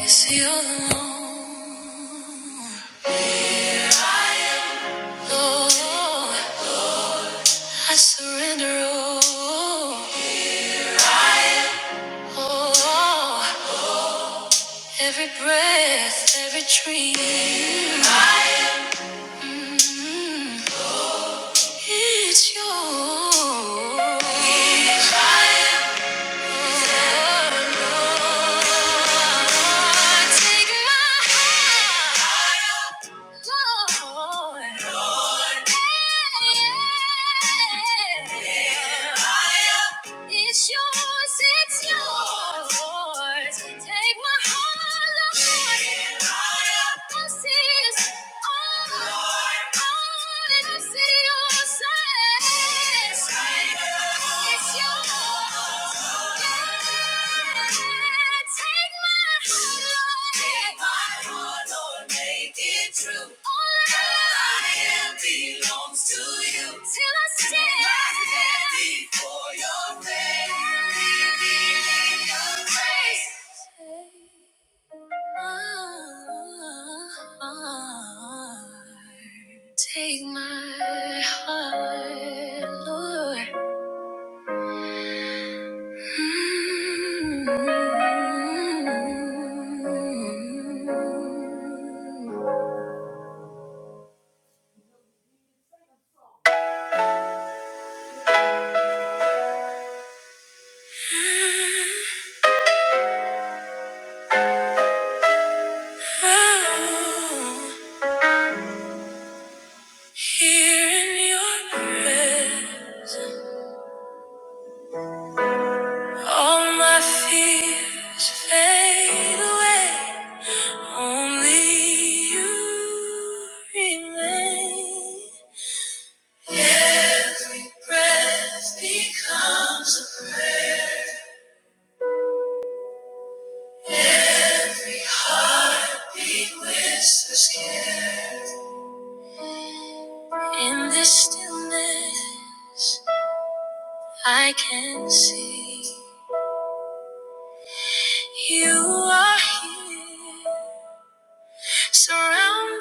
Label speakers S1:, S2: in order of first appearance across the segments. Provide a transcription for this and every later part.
S1: Is he alone? I am. Oh, I surrender all. Here I am. Oh, every breath, every dream. Here I am. Mm, it's yours. Here I am. It's yours, it's yours. Take my heart, Lord. I see is all, all and I see your yours. It's yours. Take my heart, Lord. Oh, Here in your presence, all my fears fade away. Only you remain. Every breath becomes a prayer. He whispers, care. In this stillness, I can see you are here, surrounding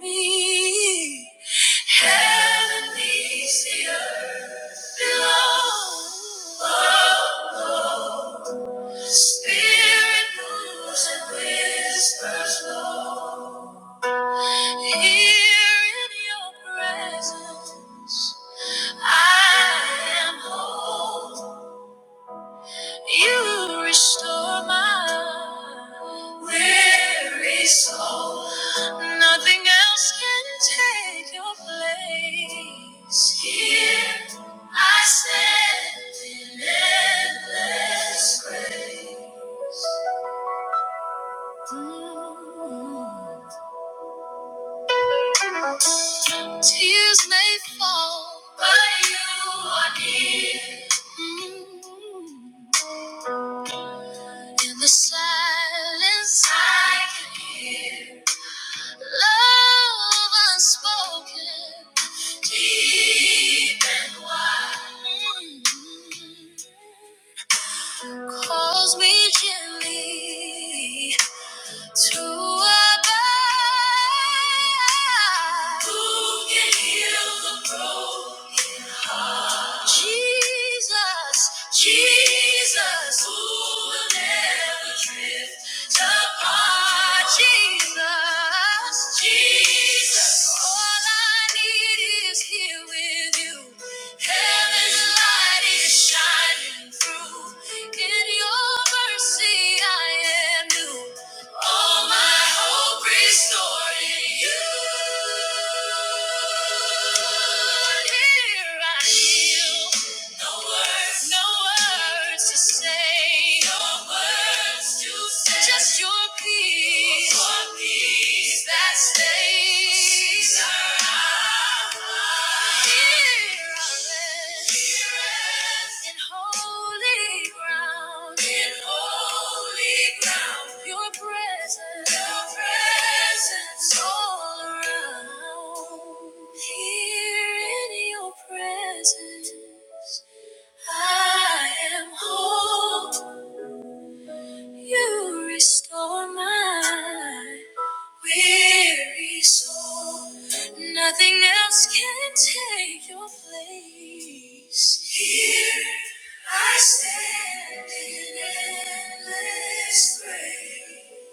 S1: me. Heaven meets the earth below. Oh, oh. Spirit moves and whispers low. Here in your presence, I am whole. You restore my weary soul. Nothing else can take your place. Here I stand in endless grace. Mm. Tears may fall, but you are near. Mm. In the silence, I can hear. Love unspoken, deep and wide, mm, calls me gently to abide. Who can heal the broken? Jesus, Jesus, who will never drift apart. Jesus, Jesus, all I need is here with you. Heaven's light is shining through. In your mercy, I am new. All my hope restored in you. Here I kneel. No words, no words to say. No words to say. Just your peace. Your peace that stays. I am whole. You Restore my weary soul. Nothing else can take your place. Here I stand in endless praise.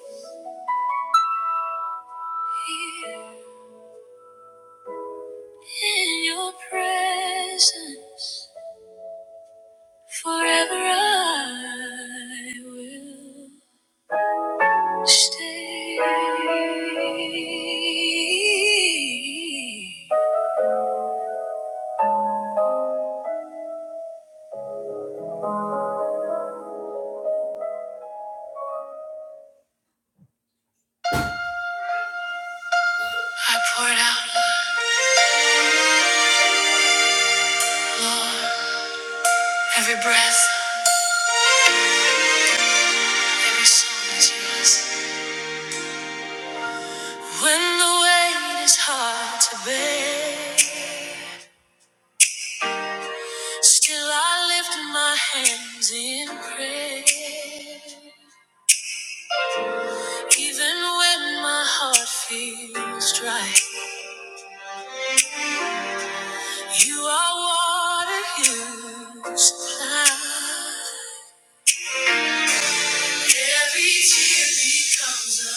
S1: Here in your presence, forever I will stay. I poured out, Lord. Every breath, every song is yours. When the weight is hard to bear, still I lift my hands in prayer. Even when my heart feels dry, you are water you supply. Every tear becomes a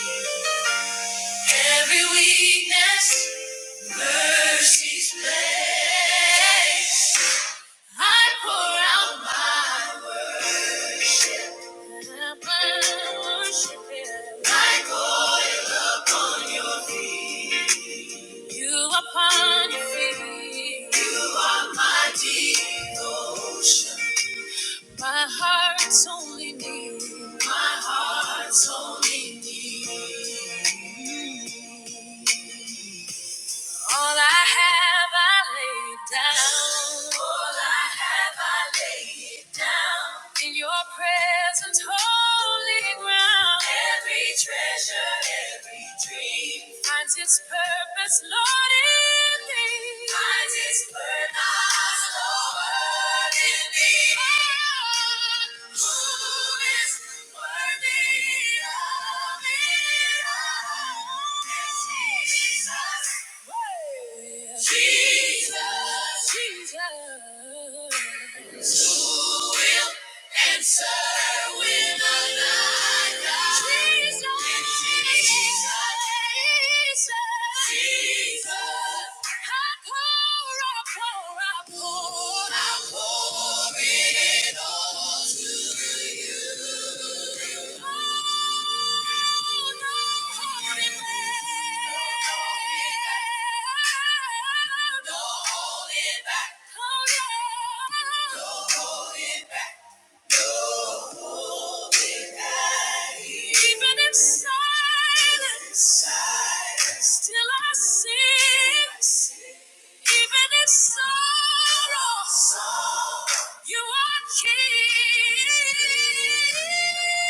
S1: prayer. Every weakness, mercy's place. I pour out my worship. Like oil upon your feet. You upon your feet. You are my devotion. My heart's only need. My heart's only need. All I have, I lay it down. All I have, I lay it down. In your presence, holy ground. Every treasure, every dream finds its purpose, Lord, in me. Finds its purpose. Jesus, Jesus. Answer when I rise. Jesus, Jesus, I pour, I pour, I pour, I pour it all to you. Even in silence, still I sing. Even in sorrow, you are King.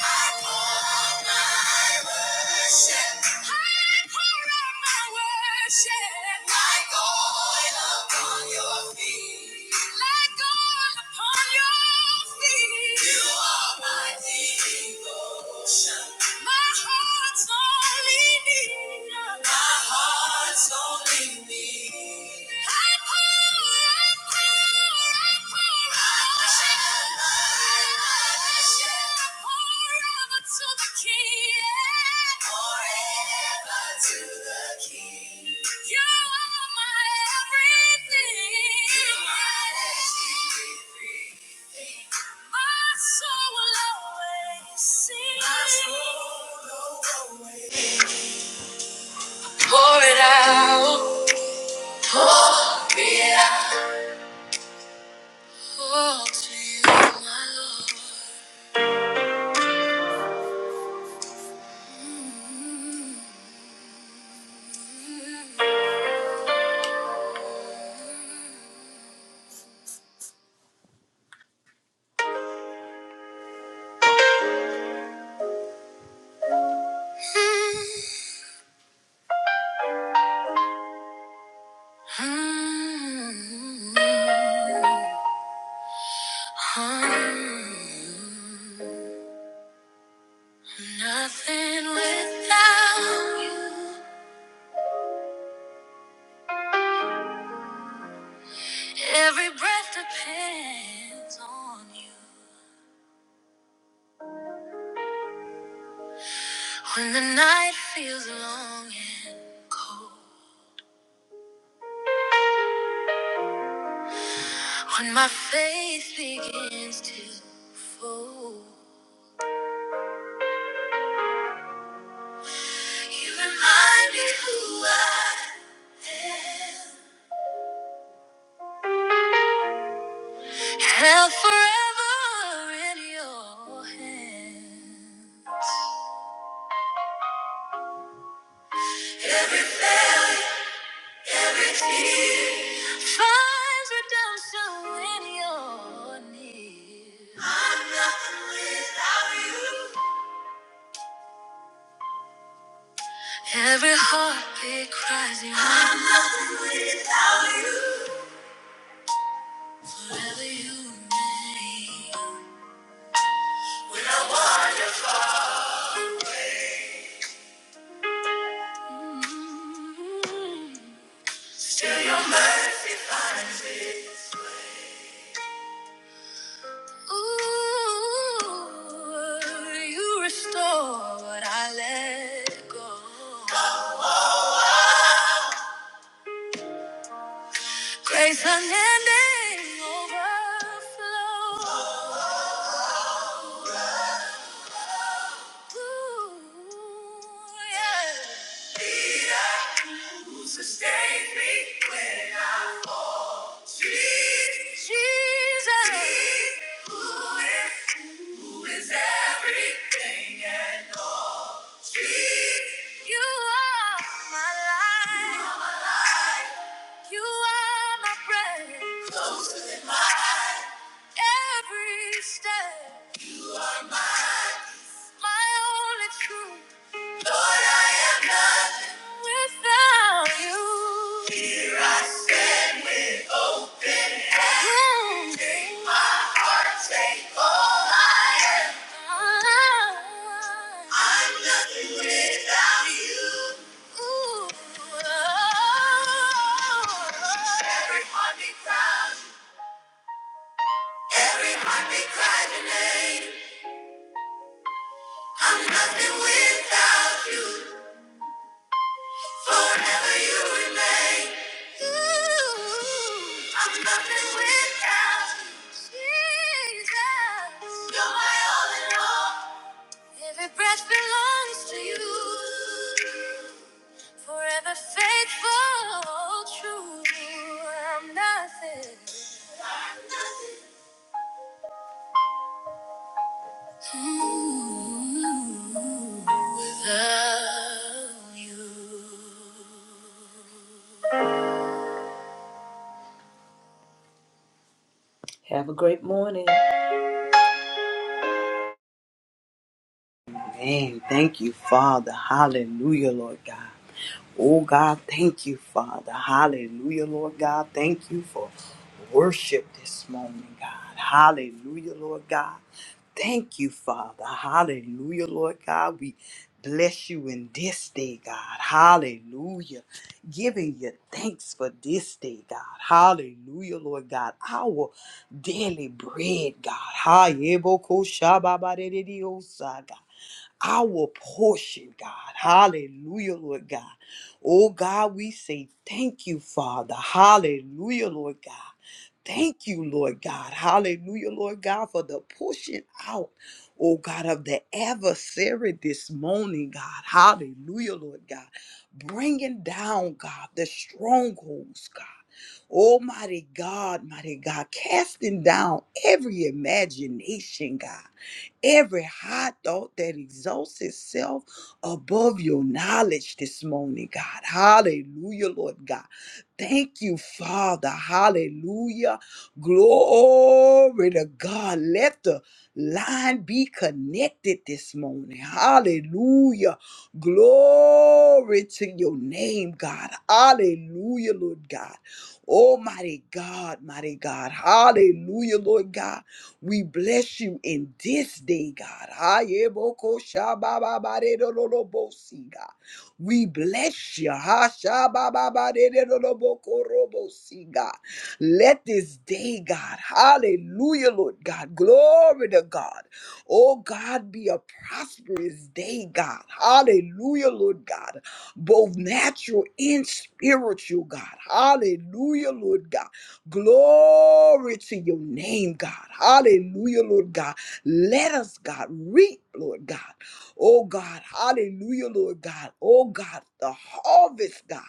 S1: My heart's only need. Pour it out, pour it out. Fall to you, my Lord. Mm, mm, Nothing without you. Every breath depends on you. When the night feels long and cold, when my faith begins to fold, you remind me who I am. Held forever in your hands. Every tear Finds redemption when you're near. I'm nothing without you. Every heartbeat cries you. I'm nothing without you. Forever you remain. When I walk. Mm. Ooh, you restore what I let go. Grace unending overflow. Ooh, yeah. Sustain me when I Jesus. Jesus. Who is, who is everything and all. Jesus. You are my life. You are my breath, every step, You are mine, my only truth. Lord, I am nothing without you. Here I stand with open hands. Mm. Take my heart, take all I Ah. I'm nothing without you. Every heartbeat cries, every heartbeat cries your name. I'm nothing without you. Forever you remain. Ooh, I'm nothing without you. Jesus. You're my all in all. Every breath belongs to you. Forever faithful, true. I'm nothing. Ooh, without you. Have a great morning.
S2: Amen. Thank you, Father. Hallelujah, Lord God. Oh, God, thank you, Father. Hallelujah, Lord God. Thank you for worship this morning, God. Hallelujah, Lord God. Thank you, Father. Hallelujah, Lord God. We bless you in this day, God. Hallelujah. Giving you thanks for this day, God. Hallelujah, Lord God. Our daily bread, God. Hallelujah, God our portion, God. Hallelujah, Lord God. Oh, God, we say thank you, Father. Hallelujah, Lord God. Thank you, Lord God. Hallelujah, Lord God, for the pushing out, oh God, of the adversary this morning, God. Hallelujah, Lord God. Bringing down, God, the strongholds, God. Almighty God, mighty God, casting down every imagination, God, every high thought that exalts itself above your knowledge this morning, God. Hallelujah, Lord God. Thank you, Father. Hallelujah. Glory to God. Let the line be connected this morning. Hallelujah. Glory to your name, God. Hallelujah, Lord God. Almighty God, mighty God. Hallelujah, Lord God. We bless you in this day, God. Ayeboko shababa barero lolo bosi, God. We bless you. Ha, sha, ba, ba, ba, de, de, do, do, bo, ko, ro, bo, si, God. Let this day, God, hallelujah, Lord God, glory to God. Oh, God, be a prosperous day, God. Hallelujah, Lord God, both natural and spiritual, God. Hallelujah, Lord God. Glory to your name, God. Hallelujah, Lord God. Let us, God, reap, Lord God. Oh God, hallelujah, Lord God. Oh God, the harvest, God,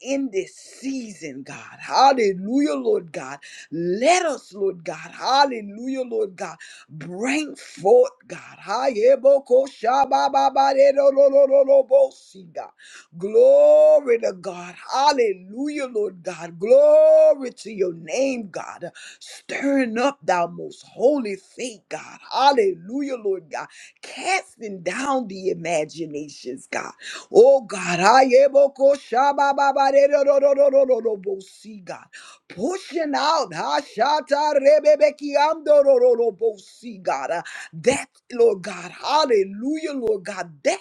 S2: in this season, God. Hallelujah, Lord God. Let us, Lord God, hallelujah, Lord God, bring forth, God. Hayebokoshabababaderorororobosi, God. Glory to God. Hallelujah, Lord God. Glory to your name, God. Stirring up thou most holy faith, God. Hallelujah, Lord God casting down the imaginations, God. Oh God, I am a ko- shaba- ba- ba- de- do- do- do- do- do- do- do- bo- see God. Pushing out ha- shata- re- be- be- ki- am- do- do- do- do- bo- see God. Uh, That, Lord God, hallelujah, Lord God, that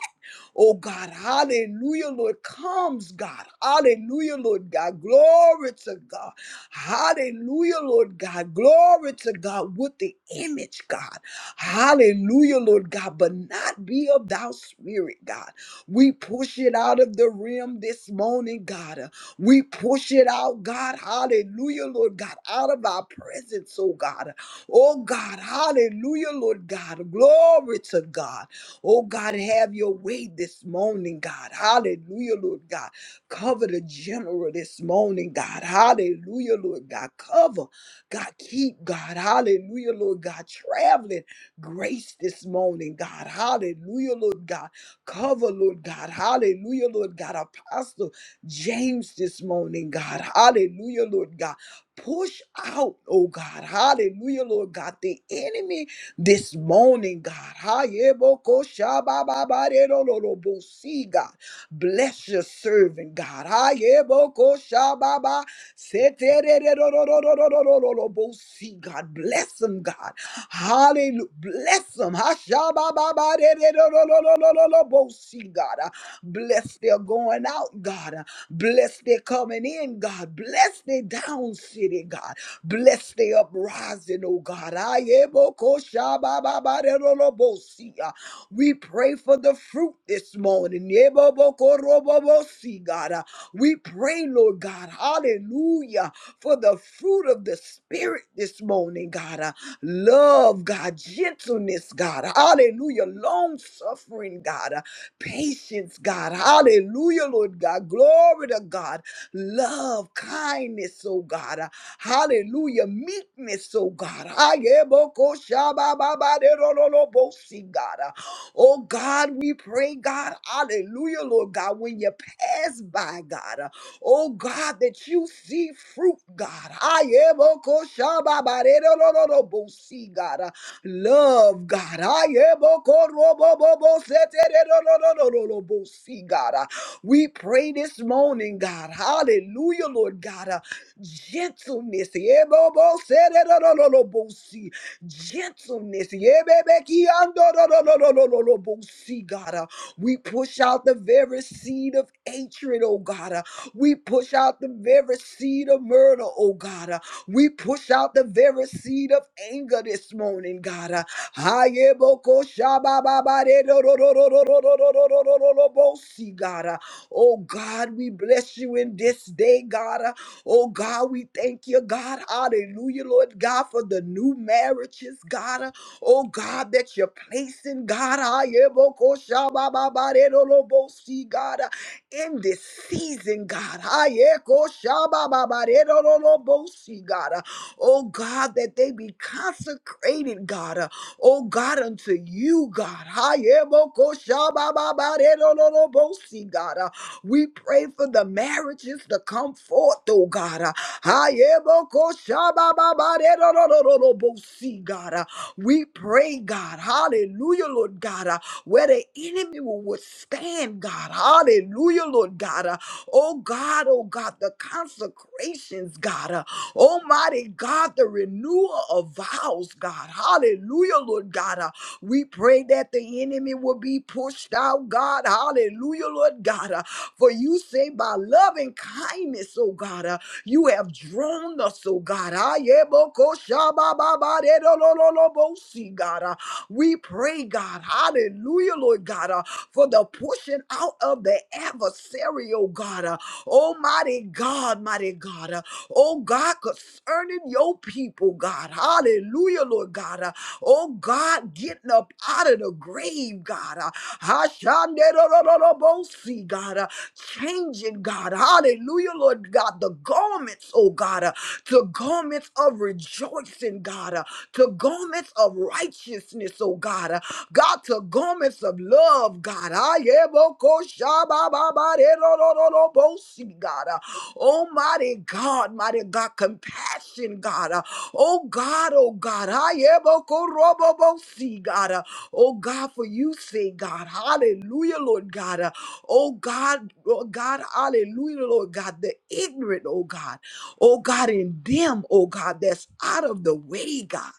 S2: Oh God, hallelujah, Lord, comes, God. Hallelujah, Lord God. Glory to God. Hallelujah, Lord God. Glory to God with the image, God. Hallelujah, Lord God, but not be of thou spirit, God. We push it out of the rim this morning, God. Uh, We push it out, God. Hallelujah, Lord God, out of our presence, oh God. Oh God, hallelujah, Lord God. Glory to God. Oh God, have your way this morning, God. Hallelujah, Lord God. Cover the general this morning, God. Hallelujah, Lord God. Cover, God, keep, God. Hallelujah, Lord God. Traveling grace this morning, God. Hallelujah, Lord God. Cover, Lord God. Hallelujah, Lord God. Apostle James this morning, God. Hallelujah, Lord God. Push out, oh God. Hallelujah, Lord God. The enemy this morning, God. Hayebokoshabababarerolobosi, God. Bless your servant, God. Hayebokoshababa, seterererororororororobosi, God. Bless him, God. Hallelujah. Bless them. Hashabababarerorororororobosi, God. Uh, Bless their going out, God. Uh, Bless their coming in, God. Bless their down city, God. Bless the uprising, oh God. Ayebokoshabababarerolobosi. Uh, We pray for the fruit this morning. Yebobokorobobosi, God. Uh, We pray, Lord God, hallelujah, for the fruit of the Spirit this morning, God. Uh, Love, God. Gentleness, God. Hallelujah. Long suffering, God. Uh, Patience, God. Hallelujah, Lord God. Glory to God love, kindness, oh God. Uh, Hallelujah. Meekness, oh God. Ayebokoshabababaderololobosi, God. Uh, Oh God, we pray, God. Hallelujah, Lord God. When you pass by, God. uh, Oh God, that you see fruit, God. Ayebokoshababaderololobosi, God. Uh, Love, God. Ayebokoroboboboseterolololobosi, God. We pray this morning, God. Hallelujah, Lord God. Uh, gentleness. Yeboboseredorolobosi. Gentleness. Yebebekiandorololololobosi, God. Uh, we push out the very seed of hatred, oh God. Uh, we push out the very seed of murder, oh God. Uh, we push out the very seed of anger this morning, God. Uh, Hayebokoshabababaredorororororororororobosi, God. Uh, Oh God, we bless you in this day, God. Uh, Oh God, we thank you, God. Hallelujah, Lord God, for the new marriages, God. Uh, Oh God, that you're placing, God. I am, oh, ko- ba- ba- ba- de- do- lo- bo- see, God, uh, in this season, God. I am, ko- ba- ba- ba- de- do- lo- lo- bo- see, God. Uh, Oh God, that they be consecrated, God. Uh, Oh God, unto you, God. I am, oh, ko- ba- ba- ba- de- do- lo- lo- bo- see, God. We pray for the marriages to come forth, oh God. Uh, Ayebokoshabababaredorororobosi, God. Uh, We pray, God. Hallelujah, Lord God. Uh, Where the enemy will withstand, God. Hallelujah, Lord God. Uh, Oh God, oh God, the consecrations, God. Uh, Almighty God, the renewal of vows, God. Hallelujah, Lord God. Uh, We pray that the enemy will be pushed out, God. Hallelujah, Lord God. For you say, by loving kindness, oh God, uh, you have drawn us, oh God. Ah, yeah, bo- ko- sha- ba- ba- ba- de- do- lo- lo- lo- bo- see, God. uh, We pray, God, hallelujah, Lord God, uh, for the pushing out of the adversary, oh God. uh, Almighty God, mighty God. uh, Oh God, concerning your people, God. Hallelujah, Lord God. uh, Oh God, getting up out of the grave, God. Uh, Hashanderororobosi, God. Uh, changing, God. Hallelujah, Lord God. The garments, oh God, uh, to garments of rejoicing, God. Uh, to garments of righteousness, oh God. Uh, God, to garments of love, God. Ayebokoshabababarerororobosi, God. Uh, Almighty God, mighty God, compassion, God. uh, Oh God, oh God, Ayebokorobobosi, God, uh, oh God, for you say, God, hallelujah, Lord God, uh, oh God, oh God, hallelujah, Lord God, the ignorant, oh God, oh God, in them, oh God, that's out of the way, God.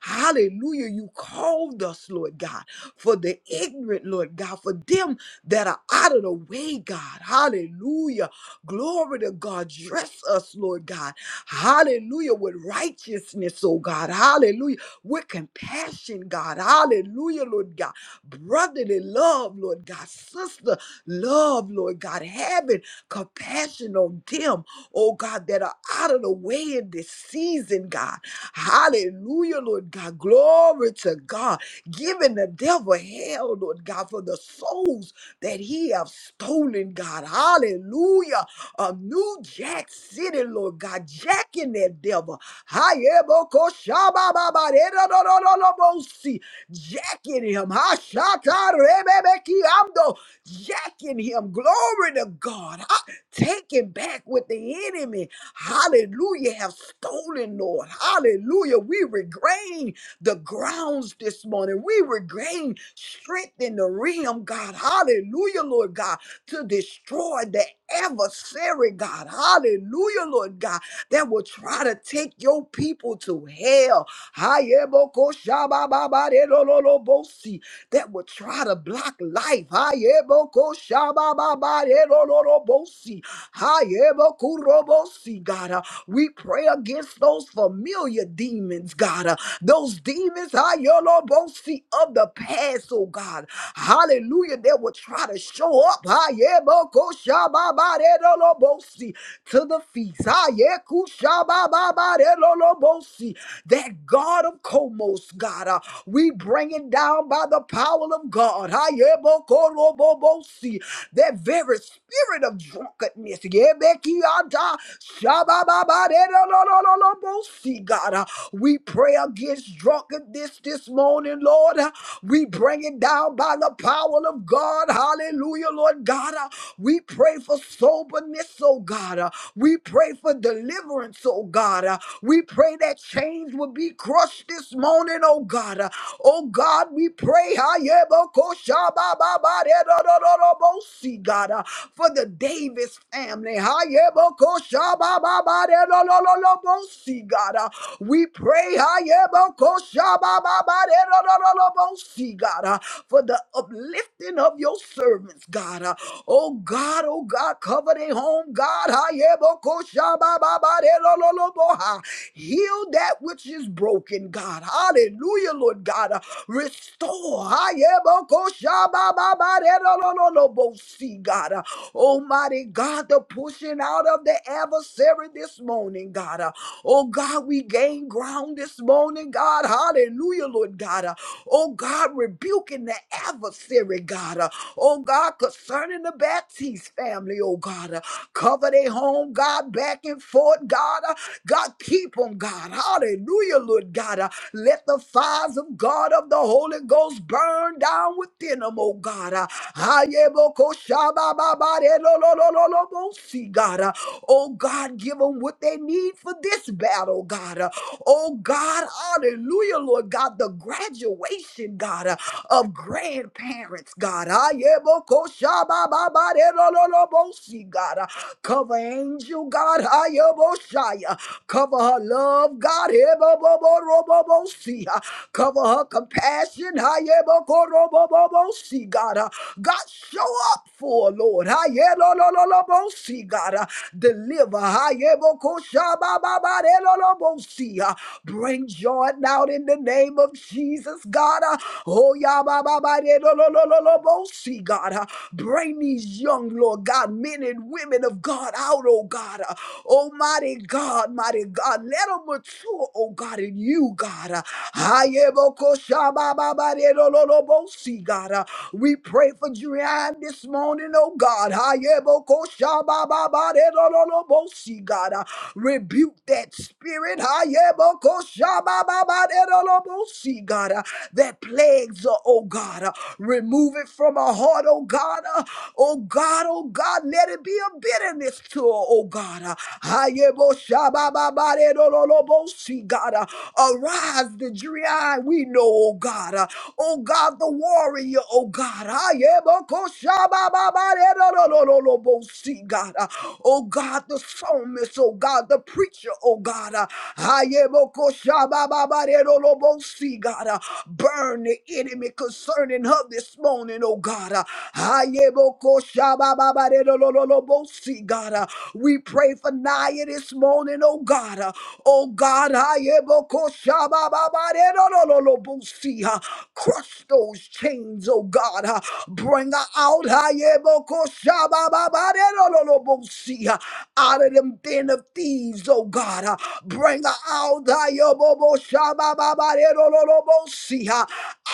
S2: Hallelujah. You called us, Lord God, for the ignorant, Lord God, for them that are out of the way, God. Hallelujah. Glory to God. Dress us, Lord God. Hallelujah. With righteousness, oh God. Hallelujah. With compassion, God. Hallelujah, Lord God. Brotherly love, Lord God. Sister love, Lord God. Having compassion on them, oh God, that are out of the way in this season, God. Hallelujah, Lord God. Glory to God. Giving the devil hell, Lord God, for the souls that he have stolen, God. Hallelujah a new Jack City, Lord God, Jack in that devil. Hayebokoshabababaredadadadadabosi. Jack in him. Hashatarebebekiamdo. Jack in him. Glory to God. Ha- Take it back with the enemy. Hallelujah. Have stolen, Lord. Hallelujah. We regain the grounds this morning. We regain strength in the realm, God. Hallelujah, Lord God to destroy the adversary, God. Hallelujah, Lord God, that will try to take your people to hell. Hayebokoshabababarelololobosi, That will try to block life. Hayebokoshabababarelololobosi, Hayebokurobosi, God. Uh, We pray against those familiar demons, God. Uh, those demons are your Lord both see of the past, oh God. Hallelujah. They will try to show up. ah, yeah, bo- ko- ba- de- do- lo- bo- see, To the feast. ah, yeah, ku- sha- ba- ba- de- lo- lo- bo- see. That God of Komos, God, ah, we bring it down by the power of God. Ah, yeah, bo- ko- bo- bo- see that very spirit of drunkenness. Yebekianta, shabababadedolololobosi, God, Uh, we pray against drunkenness this morning, Lord. Uh, We bring it down by the power of God. Hallelujah, Lord God. Uh, We pray for soberness, oh God. Uh, We pray for deliverance, oh God. Uh, We pray that that chains will be crushed this morning, oh God. Uh, Oh God, we pray, Hayebokoshabababaredododorobosi, God, uh, for the Davis family. Hayebokoshabababaredododorobosi, God, uh, we pray Hayebokoshabababaredododorobosi, God, uh, for the uplifting of your your servants, God. Uh, oh God, oh God, cover their home, God. Ha-ye-bo-ko-sha-ba-ba-ba-de-lo-lo-lo-bo-ha. Heal that which is broken, God. Hallelujah, Lord God. Uh, restore. Ha-ye-bo-ko-sha-ba-ba-ba-de-lo-lo-lo-lo-bo-si, God. Uh, Almighty God, the pushing out of the adversary this morning, God. Uh, Oh God, we gain ground this morning, God. Hallelujah, Lord God. Uh, Oh God, rebuking the adversary, God. Uh, Oh God, concerning the Baptiste family, oh God. Uh, Cover their home, God, back and forth, God. Uh, God, keep them, God. Hallelujah, Lord God. Uh, Let the fires of God of the Holy Ghost burn down within them, oh God. Uh, Ayebokoshabababarelololololobosi, God. Uh, Oh God, give them what they need for this battle, God. uh, Oh God, hallelujah, Lord God, the graduation, God, uh, of grandparents, God. Ah, yeah, bo- ko- sha- ba- ba- ba- de- lo- lo- lo- bo- si, God. Cover angel, God, Hayaboshaya. Cover her love, God, Heboboborobobosi. Cover her compassion, Hayabokorobobobosi, God. Uh, God, show up for her, Lord. Hayelolololobosi, God. Uh, Deliver, Hayabokoshabababarelolobosi. Uh, Bring joy now in the name of Jesus, God. Uh, Oh, Yabababarelolololobosi, God. Uh, Bring these these young, Lord God, men and women of God out, oh God. Uh, Almighty God, mighty God, let them mature, oh God, in you, God. Uh, Ayebokoshabababarerololobosi, God. Uh, We pray for Julian this morning, oh God. Ayebokoshabababarerololobosi, God. Uh, Rebuke that spirit. Ayebokoshabababarerololobosi, God. Uh, That plagues, her, oh God. Uh, Remove it it from her heart, oh God. Uh, Oh God, oh God, let it be a bitterness to her, oh God. Uh, Hayebo shabababare do lo lo bo si, God. Uh, Arise the dreary eye, we know, oh God. Uh, Oh God, the warrior, oh God. Hayebo ko shabababare do lo lo lo lo bo si, God. Uh, Oh God, the psalmist, oh God, the preacher, oh God. Uh, Hayebo ko shabababare do lo bo si, God. Uh, Burn the enemy concerning her this morning, oh God. Uh, Ayebokoshabababadedololobosi, God. Uh, We pray for Naya this morning, oh God. Uh, Oh God, Ayebokoshabababadedololobosi, uh, crush those chains, oh God. Uh, Bring her out Ayebokoshabababadedololobosi, uh, out of them den of thieves, oh God. Uh, Bring her out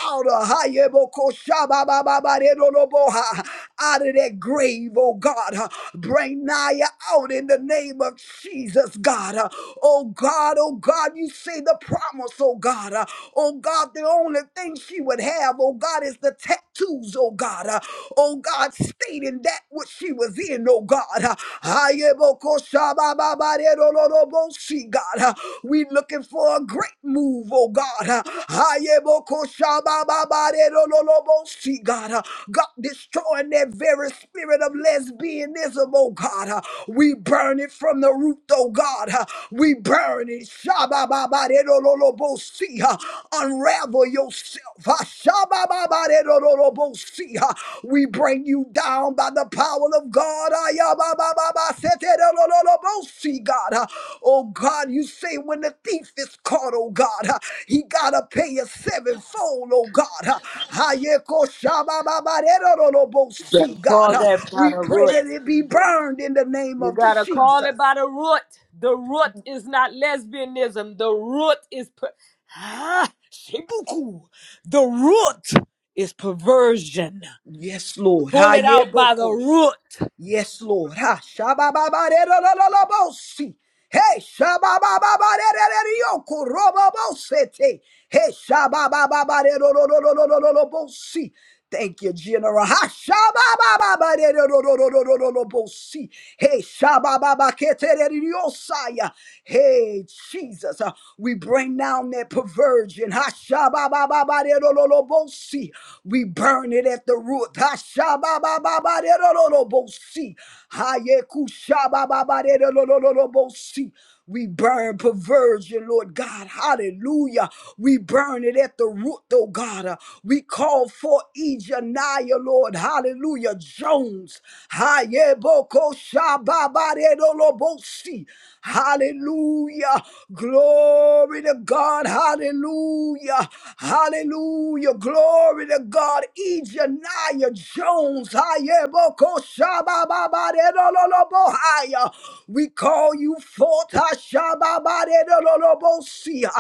S2: out of out of that grave, oh God. uh, Bring Naya out in the name of Jesus, God. uh, Oh God, oh God, you see the promise, oh God. uh, Oh God, the only thing she would have, oh God, is the tattoos, oh God. uh, Oh God, stating that what she was in, oh God. uh, God. uh, we looking for a great move, oh God. Uh, Ayebokoshabababadedololobosi, God, Uh, God destroying that very spirit of lesbianism, oh God. Uh, We burn it from the root, oh God. Uh, We burn it. Shabababadedololobosi, uh, Unravel yourself. Uh, Shabababadedololobosi, uh, We bring you down by the power of God. Ayababababa, seterololobosi, God. Oh God, you say when the thief is caught, oh God, uh, he gotta pay a sevenfold, oh God. uh. Hayeko
S1: Gotta
S2: shabbababaderorobosi, God,
S1: Call
S2: uh,
S1: that
S2: we
S1: brother
S2: pray
S1: Root.
S2: that it be burned in the name
S1: You
S2: of
S1: gotta call it by
S2: Jesus.
S1: the root. The root is not lesbianism. The root is per- ah, shibuku. The root is perversion.
S2: Yes, Lord.
S1: Pull it out by the
S2: Hayebokosh.
S1: root.
S2: Yes, Lord. Ha shabababaderololobosi. Hey, shababababaderereriokorobobosete. Hey, shababababaderololololololobosi. Thank you, General. Ha shababababaderololololololobosi. Hey, shabababaketereriosaya. Hey, Jesus. Uh, We bring down that perversion. Ha shababababaderololobosi. We burn it at the root. Hashababababaderolobosi. Hayekushabababaderolobosi. We burn perversion, Lord God. Hallelujah. We burn it at the root, oh God. Uh, We call for Ejaniah, Lord. Hallelujah. Jones. Hayebokoshababaderolobosi. Hallelujah. Glory to God. Hallelujah. Hallelujah. Glory to God. Ejaniah Jones. Hayeboko shabababaredololobohaya. We call you forth. Hashababaredololobosia.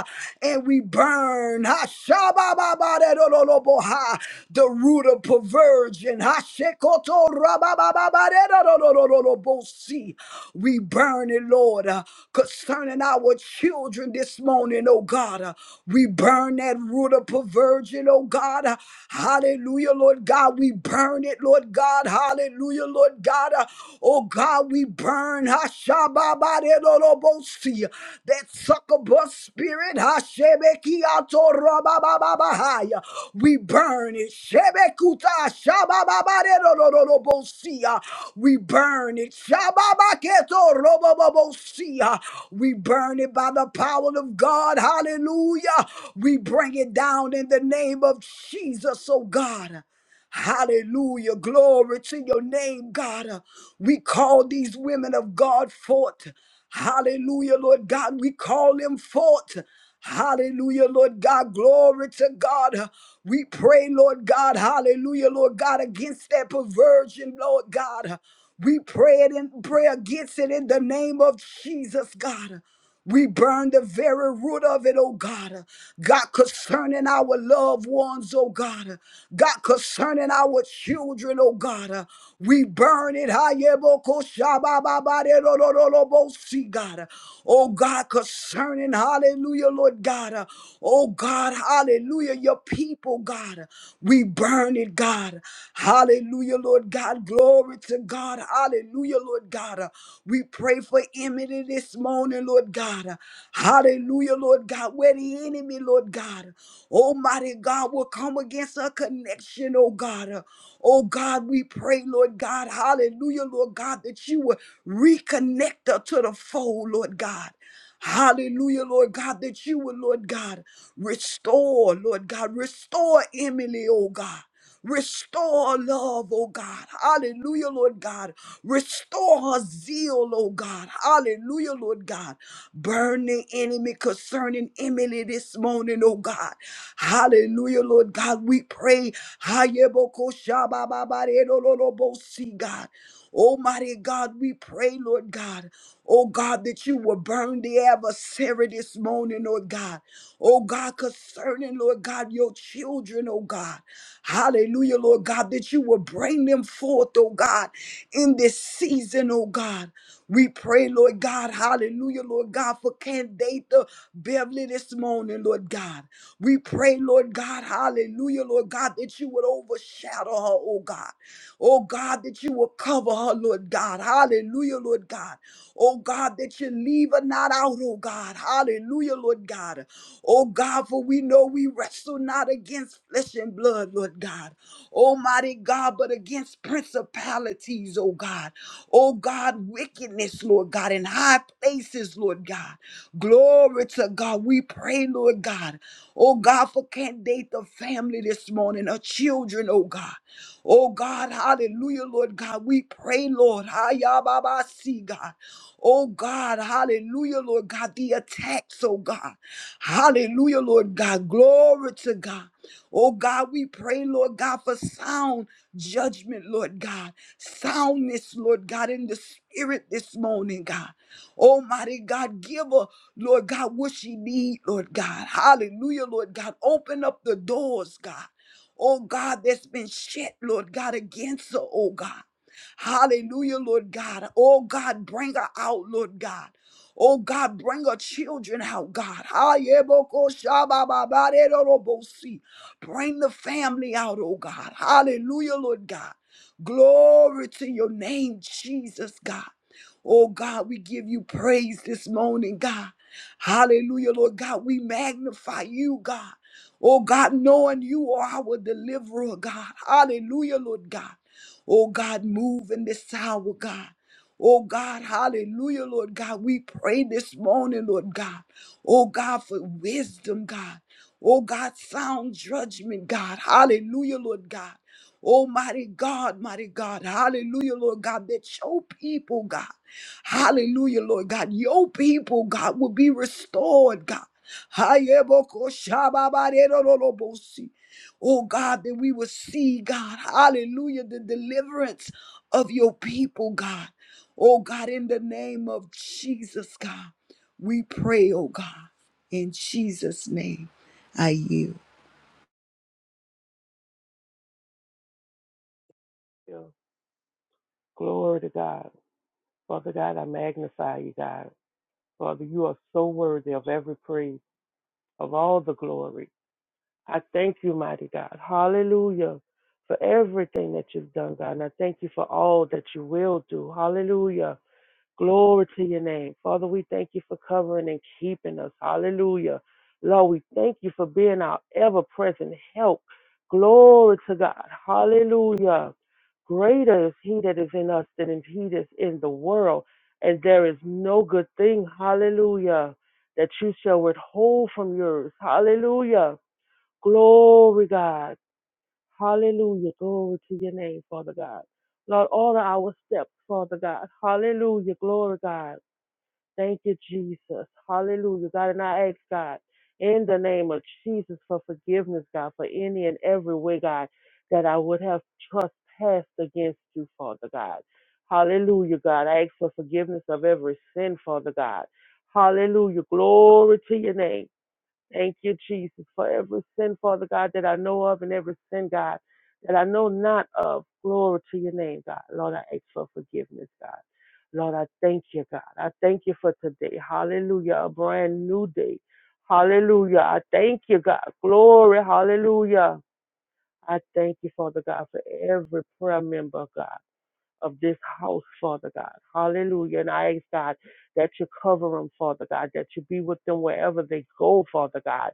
S2: And we burn. Hashabababaredololoboha. The the root of perversion. Hashekoto rababababaredadodododorobosi. We burn it, Lord, uh, concerning our children this morning, oh God. uh, We burn that root of perversion, oh God. uh, Hallelujah, Lord God. We burn it, Lord God. Hallelujah, Lord God. uh, Oh God, we burn. Hashababaredodobosaya. Robosi, that succubus spirit, Hashebekiato Rabababahaya, we burn it. Shebekuta Shabababaderobosia, we burn it. Shababaketo Robobosia, we burn it by the power of God. Hallelujah. We bring it down in the name of Jesus, oh God. Hallelujah. Glory to your name, God. Uh, We call these women of God forth. Hallelujah, Lord God. We call them forth. Hallelujah, Lord God. Glory to God. Uh, We pray, Lord God. Hallelujah, Lord God, against that perversion, Lord God. Uh, We pray it and pray against it in the name of Jesus, God. We burn the very root of it, oh God. God, concerning our loved ones, oh God. God, concerning our children, oh God. We burn it. Hayebokoshabababarerorororobosi, God. Oh God, concerning, hallelujah, Lord God. Oh God, hallelujah, your people, God. We burn it, God. Hallelujah, Lord God. Glory to God. Hallelujah, Lord God. Uh, We pray for Emily this morning, Lord God. Uh, Hallelujah, Lord God. Where the enemy, Lord God, Almighty God, will come against her connection, oh God. Uh, Oh God, we pray, Lord God. Hallelujah, Lord God, that you will reconnect her to the fold, Lord God. Hallelujah, Lord God, that you will, Lord God, restore, Lord God, restore Emily, oh God. Restore love, oh God. Hallelujah, Lord God. Restore her zeal, oh God. Hallelujah, Lord God. Burn the enemy concerning Emily this morning, oh God. Hallelujah, Lord God. We pray. Hayebokoshabababarelolobosi, God. Almighty God, we pray, Lord God. Oh God, that you will burn the adversary this morning, Lord God. Oh God, concerning, Lord God, your children, oh God. Hallelujah, Lord God, that you will bring them forth, oh God, in this season, oh God. We pray, Lord God, hallelujah, Lord God, for Candata Beverly this morning, Lord God. We pray, Lord God, hallelujah, Lord God, that you would overshadow her, oh God. Oh God, that you will cover her, Lord God. Hallelujah, Lord God. Oh God, that you leave her not out, oh God. Hallelujah, Lord God. Oh God, for we know we wrestle not against flesh and blood, Lord God. Almighty God, but against principalities, oh God. Oh God, wickedness, Lord God, in high places, Lord God. Glory to God. We pray, Lord God. Oh God, for candidate the family this morning, her children, oh God. Oh God, hallelujah, Lord God. We pray, Lord. Hayababasi, God. Oh God, hallelujah, Lord God, the attacks, oh God. Hallelujah, Lord God. Glory to God. Oh God, we pray, Lord God, for sound judgment, Lord God. Soundness, Lord God, in the spirit this morning, God. Almighty God, give her, Lord God, what she need, Lord God. Hallelujah, Lord God. Open up the doors, God. Oh God, that's been shut, Lord God, against her, oh God. Hallelujah, Lord God. Oh God, bring her out, Lord God. Oh God, bring her children out, God. Hayeboko shabababarerorobosi. Bring the family out, oh God. Hallelujah, Lord God. Glory to your name, Jesus, God. Oh God, we give you praise this morning, God. Hallelujah, Lord God. We magnify you, God. Oh God, knowing you are our deliverer, God. Hallelujah, Lord God. Oh God, move in this hour, God. Oh God, hallelujah, Lord God. We pray this morning, Lord God. Oh God, for wisdom, God. Oh God, sound judgment, God. Hallelujah, Lord God. Almighty God, mighty God. Hallelujah, Lord God, that your people, God. Hallelujah, Lord God. Your people, God, will be restored, God. Hayebokoshababarerororobosi. Oh God, that we will see, God, hallelujah, the deliverance of your people, God. Oh God, in the name of Jesus, God, we pray, oh God, in Jesus' name, I yield.
S3: you. Glory to God. Father God, I magnify you, God. Father, you are so worthy of every praise, of all the glory. I thank you, mighty God. Hallelujah. For everything that you've done, God. And I thank you for all that you will do. Hallelujah. Glory to your name. Father, we thank you for covering and keeping us. Hallelujah. Lord, we thank you for being our ever present help. Glory to God. Hallelujah. Greater is he that is in us than is he that's in the world. And there is no good thing, hallelujah, that you shall withhold from yours. Hallelujah. Glory, God. Hallelujah. Glory to your name, Father God. Lord, order our steps, Father God. Hallelujah. Glory, God. Thank you, Jesus. Hallelujah. God, and I ask God in the name of Jesus for forgiveness, God, for any and every way, God, that I would have trespassed against you, Father God. Hallelujah, God. I ask for forgiveness of every sin, Father God. Hallelujah. Glory to your name. Thank you, Jesus, for every sin, Father God, that I know of and every sin, God, that I know not of. Glory to your name, God. Lord, I ask for forgiveness, God. Lord, I thank you, God. I thank you for today. Hallelujah. A brand new day. Hallelujah. I thank you, God. Glory. Hallelujah. I thank you, Father God, for every prayer member, God of this house, Father God. Hallelujah. And I ask, God, that you cover them, Father God, that you be with them wherever they go, Father God.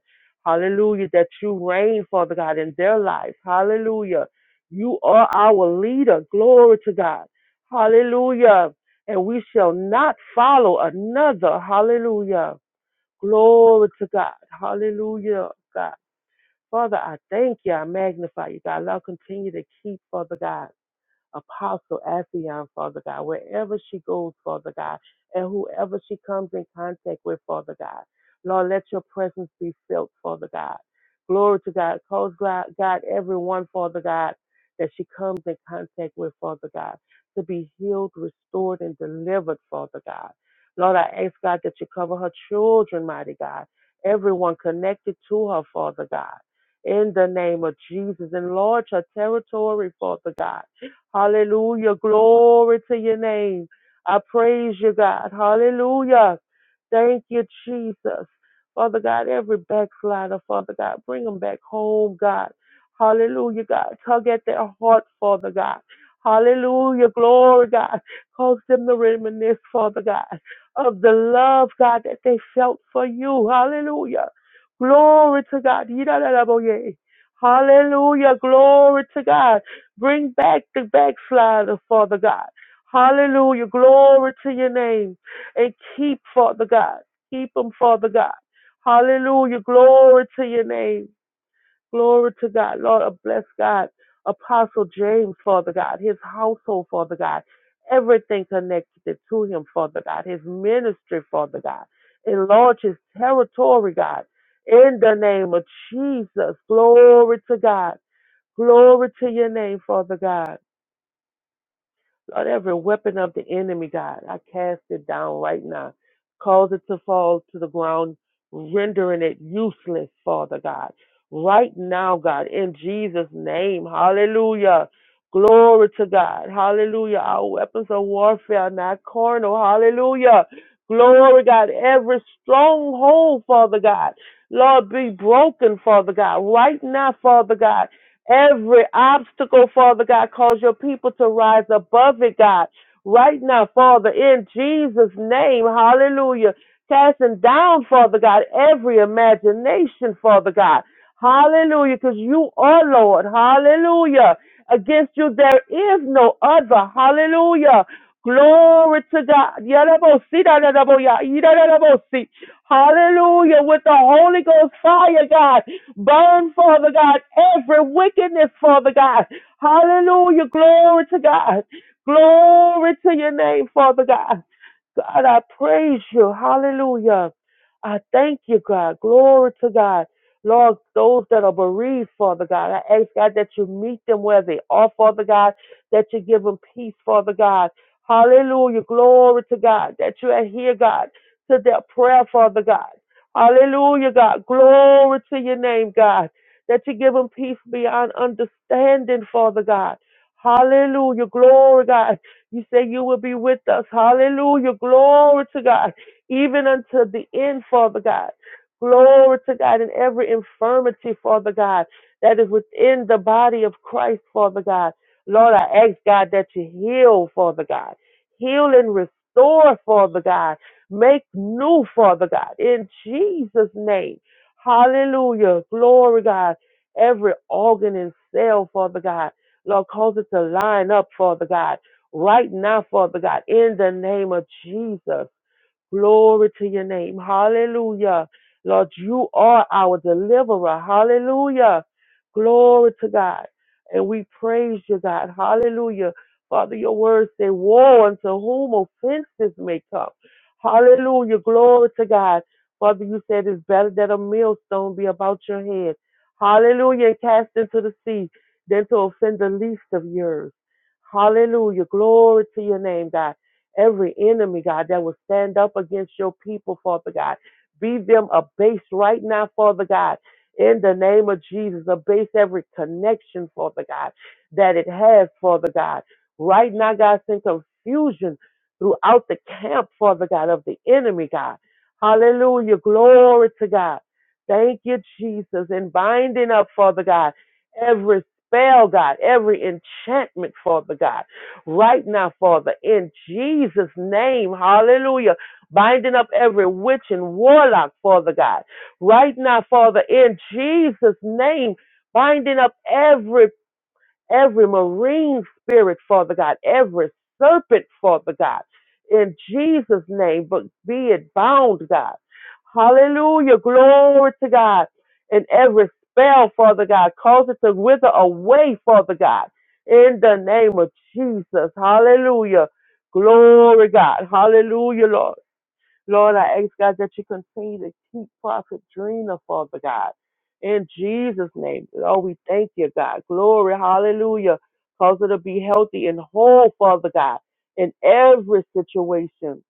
S3: Hallelujah. That you reign, Father God, in their lives. Hallelujah. You are our leader. Glory to God. Hallelujah. And we shall not follow another. Hallelujah. Glory to God. Hallelujah, God. Father, I thank you. I magnify you, God. Lord, continue to keep, Father God. Apostle Afion, Father God, wherever she goes, Father God, and whoever she comes in contact with, Father God. Lord, let your presence be felt, Father God. Glory to God. Cause God, God everyone, Father God, that she comes in contact with, Father God, to be healed, restored, and delivered, Father God. Lord, I ask God that you cover her children, mighty God, everyone connected to her, Father God. In the name of Jesus, enlarge her territory, Father God Hallelujah. Glory to your name. I praise you, God. Hallelujah. Thank you, Jesus. Father God, every backslider, Father God, bring them back home, God. Hallelujah, God. Tug at their heart, Father God. Hallelujah. Glory, God. Cause them to reminisce, Father God, of the love, God, that they felt for you. Hallelujah. Glory to God. Yidadadaboye. Hallelujah. Glory to God. Bring back the backslider, Father God. Hallelujah. Glory to your name. And keep, Father God. Keep them, Father God. Hallelujah. Glory to your name. Glory to God. Lord, I bless God. Apostle James, Father God. His household, Father God. Everything connected to him, Father God. His ministry, Father God. Enlarge his territory, God. In the name of Jesus. Glory to God. Glory to your name, Father God. Lord, every weapon of the enemy, God, I cast it down right now. Cause it to fall to the ground, rendering it useless, Father God. Right now, God, in Jesus' name. Hallelujah. Glory to God. Hallelujah. Our weapons of warfare are not carnal. Hallelujah. Glory, God. Every stronghold, Father God. Lord, be broken, Father God. Right now, Father God. Every obstacle, Father God, cause your people to rise above it, God. Right now, Father, in Jesus' name, hallelujah. Casting down, Father God, every imagination, Father God. Hallelujah, because you are Lord. Hallelujah. Against you, there is no other. Hallelujah. Glory to God. Yadabosi, dadadaboya, yidadadabosi. Hallelujah. With the Holy Ghost fire, God. Burn, Father God, every wickedness, Father God. Hallelujah. Glory to God. Glory to your name, Father God. God, I praise you. Hallelujah. I thank you, God. Glory to God. Lord, those that are bereaved, Father God, I ask God that you meet them where they are, Father God, that you give them peace, Father God. Hallelujah. Glory to God, that you are here, God, to their prayer, Father God. Hallelujah, God. Glory to your name, God, that you give them peace beyond understanding, Father God. Hallelujah. Glory, God. You say you will be with us. Hallelujah. Glory to God. Even unto the end, Father God. Glory to God in every infirmity, Father God, that is within the body of Christ, Father God. Lord, I ask God that you heal, Father God. Heal and restore, Father God. Make new, Father God, in Jesus' name. Hallelujah. Glory, God. Every organ and cell, Father God. Lord, cause it to line up, Father God right now, Father God, in the name of Jesus. Glory to your name. Hallelujah. Lord, you are our deliverer. Hallelujah. Glory to God. And we praise you, God. Hallelujah. Father, your words say, Woe unto whom offenses may come. Hallelujah. Glory to God. Father, you said it's better that a millstone be about your head. Hallelujah. And cast into the sea than to offend the least of yours. Hallelujah. Glory to your name, God every enemy, God, that will stand up against your people, Father God. Be them abased right now, Father God. In the name of Jesus, abase every connection, Father God, that it has, Father God. Right now, God, send confusion throughout the camp, Father God, of the enemy, God. Hallelujah. Glory to God. Thank you, Jesus. And binding up, Father God, every spell, God, every enchantment, Father God right now, Father, in Jesus' name. Hallelujah. Binding up every witch and warlock, Father God. Right now, Father, in Jesus' name. Binding up every every marine spirit, Father God, every serpent, Father God, in Jesus' name, but be it bound, God. Hallelujah. Glory to God. And every spell, Father God, cause it to wither away, Father God, in the name of Jesus. Hallelujah. Glory, God. Hallelujah, Lord. Lord, I ask God that you continue to keep Prophet Drina, Father God. In Jesus' name. Oh, we thank you, God. Glory, hallelujah. Cause her to be healthy and whole, Father God, in every situation.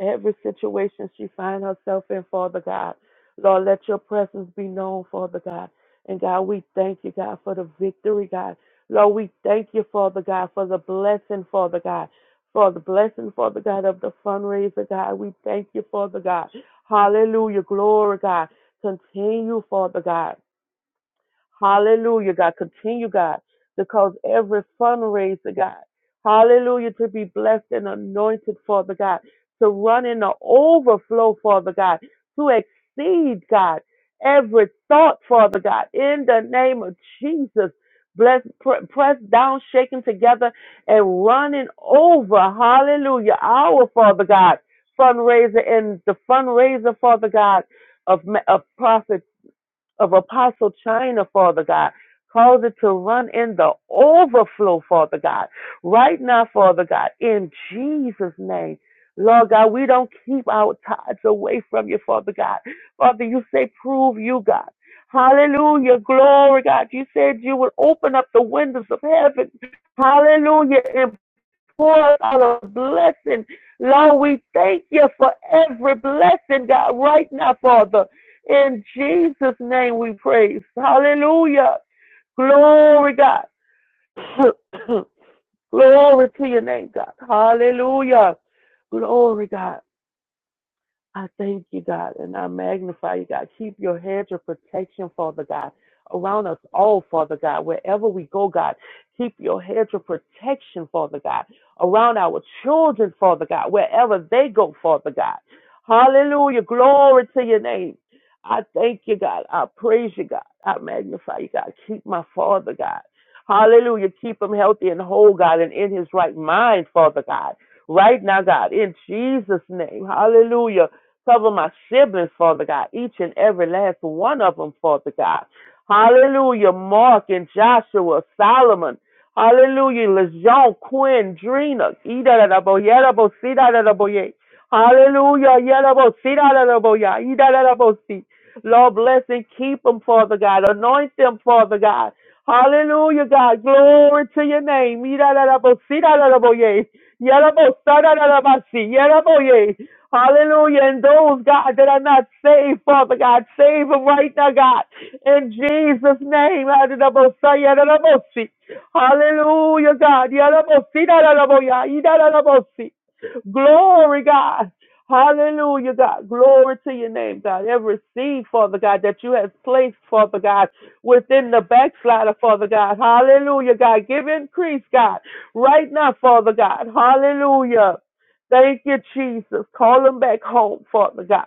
S3: every situation she finds herself in, Father God. Lord, let your presence be known, Father God. And God, we thank you, God, for the victory, God. Lord, we thank you, Father God, for the blessing, Father God. For the blessing, Father God, of the fundraiser, God. We thank you, Father God. Hallelujah. Glory, God. Continue, Father God. Hallelujah, God. Continue, God, to cause every fundraiser, God, hallelujah, to be blessed and anointed, Father God, to run in the overflow, Father God, to exceed, God, every thought, Father God, in the name of Jesus. Bless, pr- pressed down, shaken together, and running over. Hallelujah. Our Father God fundraiser and the fundraiser, Father God, of, ma- of Prophet of Apostle China, Father God. Cause it to run in the overflow, Father God. Right now, Father God, in Jesus' name. Lord God, we don't keep our tithes away from you, Father God. Father, you say, prove you, God. Hallelujah. Glory, God. You said you would open up the windows of heaven. Hallelujah pour out a blessing. Lord, we thank you for every blessing, God, right now, Father. In Jesus' name we praise. Hallelujah. Glory, God. Glory to your name, God. Hallelujah. Glory, God. I thank you, God, and I magnify you, God. Keep your hedge of protection, Father God, around us all, Father God, wherever we go, God. Keep your hedge of protection, Father God, around our children, Father God, wherever they go, Father God. Hallelujah. Glory to your name. I thank you, God. I praise you, God. I magnify you, God. Keep my Father, God. Hallelujah. Keep him healthy and whole, God, and in his right mind, Father God right now, God, in Jesus' name. Hallelujah. Cover my siblings, Father God, each and every last one of them, Father God. Hallelujah. Mark and Joshua, Solomon. Hallelujah. LeJean, Quinn, Drina. Idarabo, Yerabo, Sidarabo, Ye. Hallelujah. Yerabo, Sidarabo, Ya. Idarabo, Si. Lord, bless and keep them, Father God. Anoint them, Father God. Hallelujah, God. Glory to your name. Idarabo, Sidarabo, Ye. Yerabo, Sadarabo, Si. Yerabo, Ye. Hallelujah. And those, God, that are not saved, Father God, save them right now, God. In Jesus' name. Adonabosayadanabosi. Hallelujah, God. Yadabosidaranaboya, idadanabosi. Glory, God. Hallelujah, God. Glory to your name, God. Every seed, Father God, that you have placed, Father God, within the backslider, Father God. Hallelujah, God. Give increase, God. Right now, Father God. Hallelujah. Thank you, Jesus. Call them back home, Father God.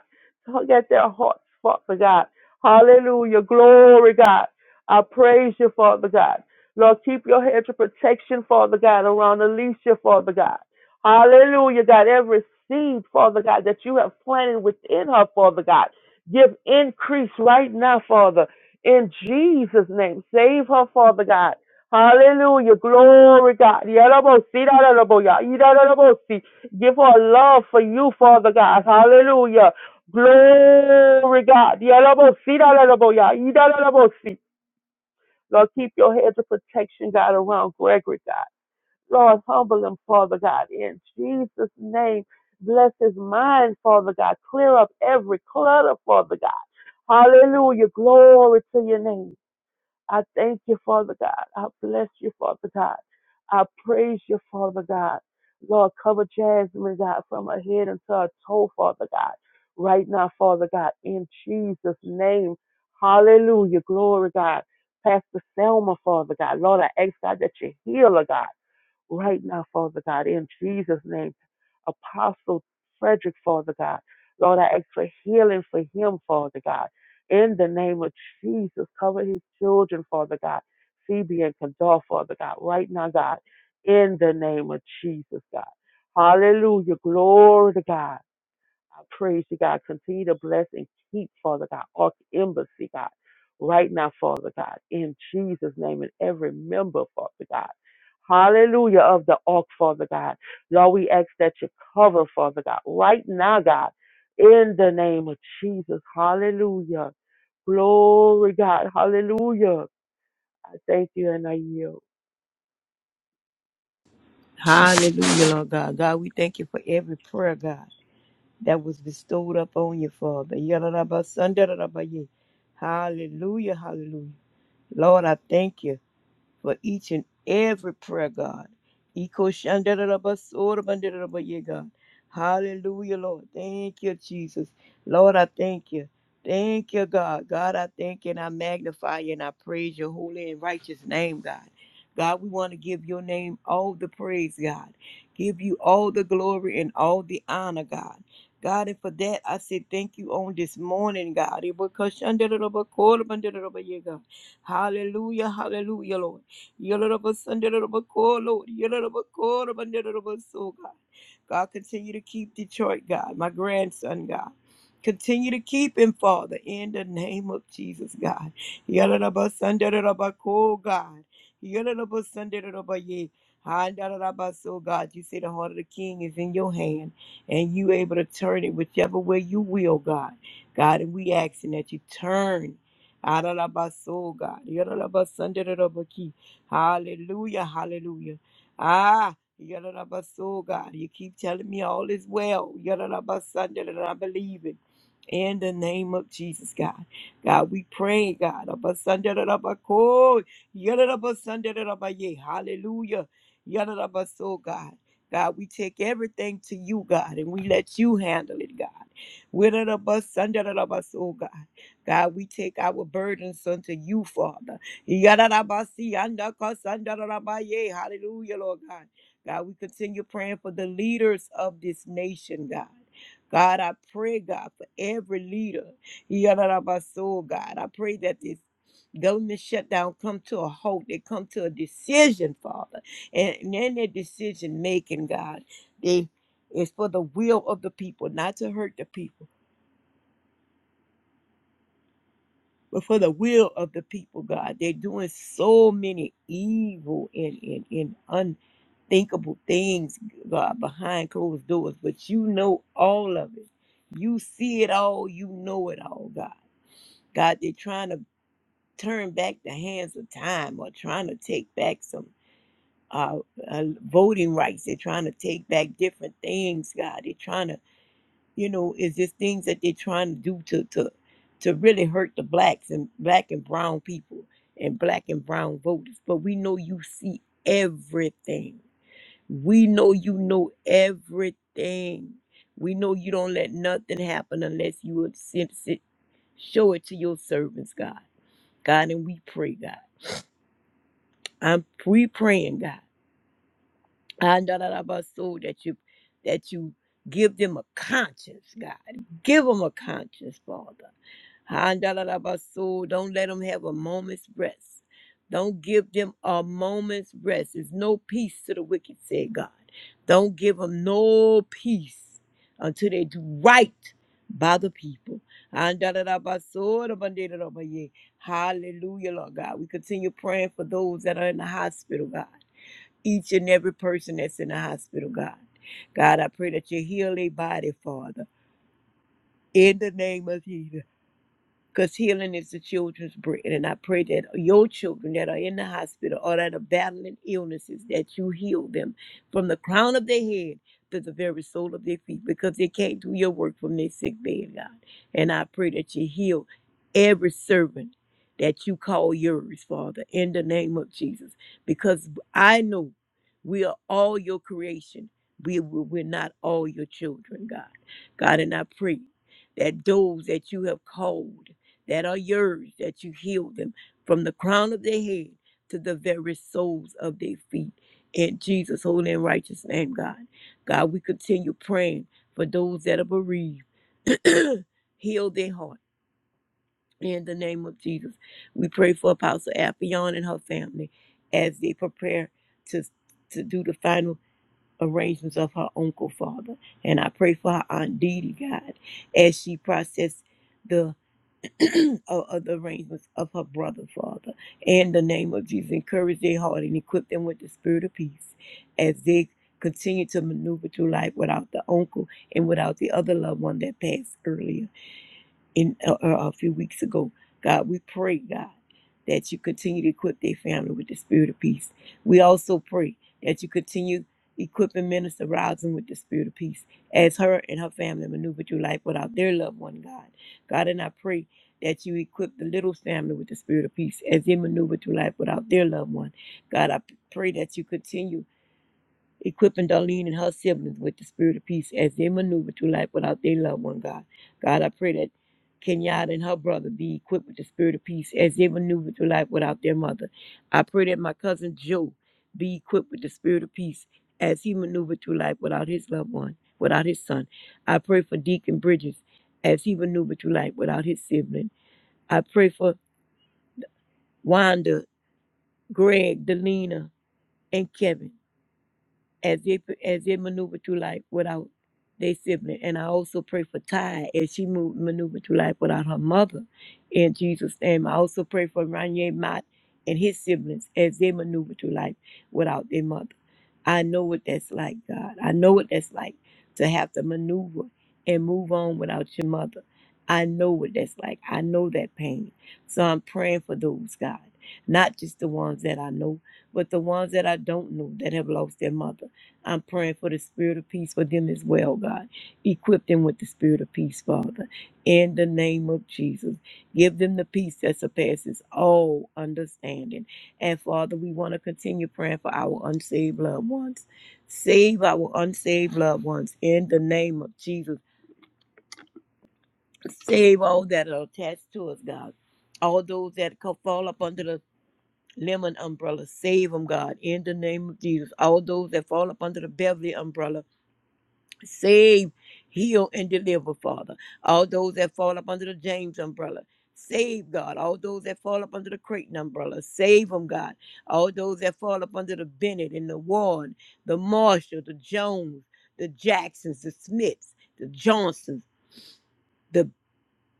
S3: Get their hearts, Father God. Hallelujah. Glory, God. I praise you, Father God. Lord, keep your hedge of protection, Father God, around Alicia, Father God. Hallelujah, God. Every seed, Father God, that you have planted within her, Father God. Give increase right now, Father. In Jesus' name. Save her, Father God. Hallelujah. Glory, God. Yarabosi, yarabosi, yarabosi. Give her a love for you, Father God. Hallelujah. Glory, God. Yalabosi, dalalaboya, idalalabosi. Lord, keep your heads of protection, God, around Gregory, God. Lord, humble him, Father God. In Jesus' name, bless his mind, Father God. Clear up every clutter, Father God. Hallelujah. Glory to your name. I thank you, Father God. I bless you, Father God. I praise you, Father God. Lord, cover Jasmine, God, from her head until her toe, Father God. Right now, Father God, in Jesus' name. Hallelujah. Glory, God. Pastor Selma, Father God. Lord, I ask God that you heal her, God right now, Father God, in Jesus' name. Apostle Frederick, Father God. Lord, I ask for healing for him, Father God. In the name of Jesus, cover his children, Father God. Phoebe and Kadar, Father God, right now, God. In the name of Jesus, God. Hallelujah. Glory to God. I praise you, God. Continue to bless and keep, Father God, Ark Embassy, God, right now, Father God, in Jesus' name, and every member, Father God. Hallelujah of the Ark, Father God. Lord, we ask that you cover, Father God, right now, God, in the name of Jesus. Hallelujah. Glory, God. Hallelujah. I thank you and I yield.
S4: Hallelujah, Lord God. God, we thank you for every prayer, God, that was bestowed upon you, Father. Yadadabasandadadabaye. Hallelujah, hallelujah. Lord, I thank you for each and every prayer, God. Eko shandarabba, sorabandarabba, yeah, God. Hallelujah, Lord. Thank you, Jesus. Lord, I thank you. Thank you, God. God, I thank you and I magnify you and I praise your holy and righteous name, God. God, we want to give your name all the praise, God. Give you all the glory and all the honor, God. God, and for that, I say thank you on this morning, God. Ebo kashandarabba, korabandarabba, yeah, God. Hallelujah, hallelujah, Lord. Yoroboko, Lord. Yoroboko, Rabanderoboso, God. God, continue to keep Detroit, God, my grandson, God. Continue to keep him, Father, in the name of Jesus, God. Yorobosonderoboko, God. Yoruba Sunday Yoruba ye, Yorobosonderoboye. Handarabaso, God, you say the heart of the king is in your hand, and you able to turn it whichever way you will, God. God, and we asking that you turn. Adarabaso, God. Yorobosonderoboko. Hallelujah, hallelujah. Ah, Yadarabaso, God, you keep telling me all is well. Yadarabasan, that I believe it in the name of Jesus, God. God, we pray, God. Abasandarabakoy, yadadabasandarabaye. Hallelujah. Yadadabaso, God. God, we take everything to you, God, and we let you handle it, God. Widadabasandarabaso, God. God, we take our burdens unto you, Father. Yadadabasi, andakasandarabaye. Hallelujah, Lord God. God, we continue praying for the leaders of this nation, God. God, I pray, God, for every leader. Yadadabaso, God. I pray that this government shutdown come to a halt. They come to a decision, Father. And in their decision making, God, they it's for the will of the people, not to hurt the people, but for the will of the people, God. They're doing so many evil and, and, and unthinkable things, God, behind closed doors. But you know all of it. You see it all. You know it all, God. God, they're trying to turn back the hands of time or trying to take back some uh, uh, voting rights. They're trying to take back different things, God. They're trying to, you know, is this things that they're trying to do to, to, to really hurt the blacks and black and brown people and black and brown voters. But we know you see everything. We know you know everything. We know you don't let nothing happen unless you would sit, sit, show it to your servants, God. God, and we pray, God. I'm we praying, God. And da- da- da- ba- so that you that you give them a conscience, God. Give them a conscience, Father. Handalabaso, Don't let them have a moment's rest. Don't give them a moment's rest. There's no peace to the wicked, said God. Don't give them no peace until they do right by the people. Handalabaso, rabandalabaye. Hallelujah, Lord God. We continue praying for those that are in the hospital, God. Each and every person that's in the hospital, God. God, I pray that you heal their body, Father. In the name of Jesus because healing is the children's bread. And I pray that your children that are in the hospital or that are battling illnesses, that you heal them from the crown of their head to the very sole of their feet because they can't do your work from their sick bed, God. And I pray that you heal every servant that you call yours, Father, in the name of Jesus, because I know we are all your creation. We, we- we're not all your children, God. God, and I pray that those that you have called that are yours, that you heal them from the crown of their head to the very soles of their feet. In Jesus' holy and righteous name, God. God, we continue praying for those that are bereaved. heal their heart. In the name of Jesus, we pray for Apostle Appion and her family as they prepare to, to do the final arrangements of her uncle, Father. And I pray for her Aunt Didi, God, as she processes the. of, of the arrangements of her brother, Father. In the name of Jesus, encourage their heart and equip them with the spirit of peace as they continue to maneuver through life without the uncle and without the other loved one that passed earlier in uh, uh, a few weeks ago. God, we pray, God, that you continue to equip their family with the spirit of peace. We also pray that you continue equipping Minister Rosin with the spirit of peace as her and her family maneuver through life without their loved one, God. God, and I pray that you equip the little family with the spirit of peace as they maneuver through life without their loved one. God, I p- pray that you continue equipping Darlene and her siblings with the spirit of peace as they maneuver through life without their loved one, God. God, I pray that Kenyatta and her brother be equipped with the spirit of peace as they maneuver through life without their mother. I pray that my cousin Joe be equipped with the spirit of peace as he maneuvered through life without his loved one, without his son. I pray for Deacon Bridges as he maneuvered through life without his sibling. I pray for Wanda, Greg, Delina, and Kevin as they as they maneuver through life without their sibling. And I also pray for Ty as she moved, maneuvered through life without her mother. In Jesus' name, I also pray for Ranye Mott and his siblings as they maneuver through life without their mother. I know what that's like, God. I know what that's like to have to maneuver and move on without your mother. I know what that's like. I know that pain. So I'm praying for those, God. Not just the ones that I know, but the ones that I don't know that have lost their mother. I'm praying for the spirit of peace for them as well, God. Equip them with the spirit of peace, Father. In the name of Jesus, give them the peace that surpasses all understanding. And Father, we want to continue praying for our unsaved loved ones. Save our unsaved loved ones in the name of Jesus. Save all that are attached to us, God. All those that co- fall up under the lemon umbrella, save them, God, in the name of Jesus. All those that fall up under the Beverly umbrella, Save, heal, and deliver, Father. All those that fall up under the James umbrella. Save, God. All those that fall up under the Creighton umbrella. Save them, God. All those that fall up under the Bennett and the Ward, the Marshall, the Jones, the Jacksons, the Smiths, the Johnsons, the,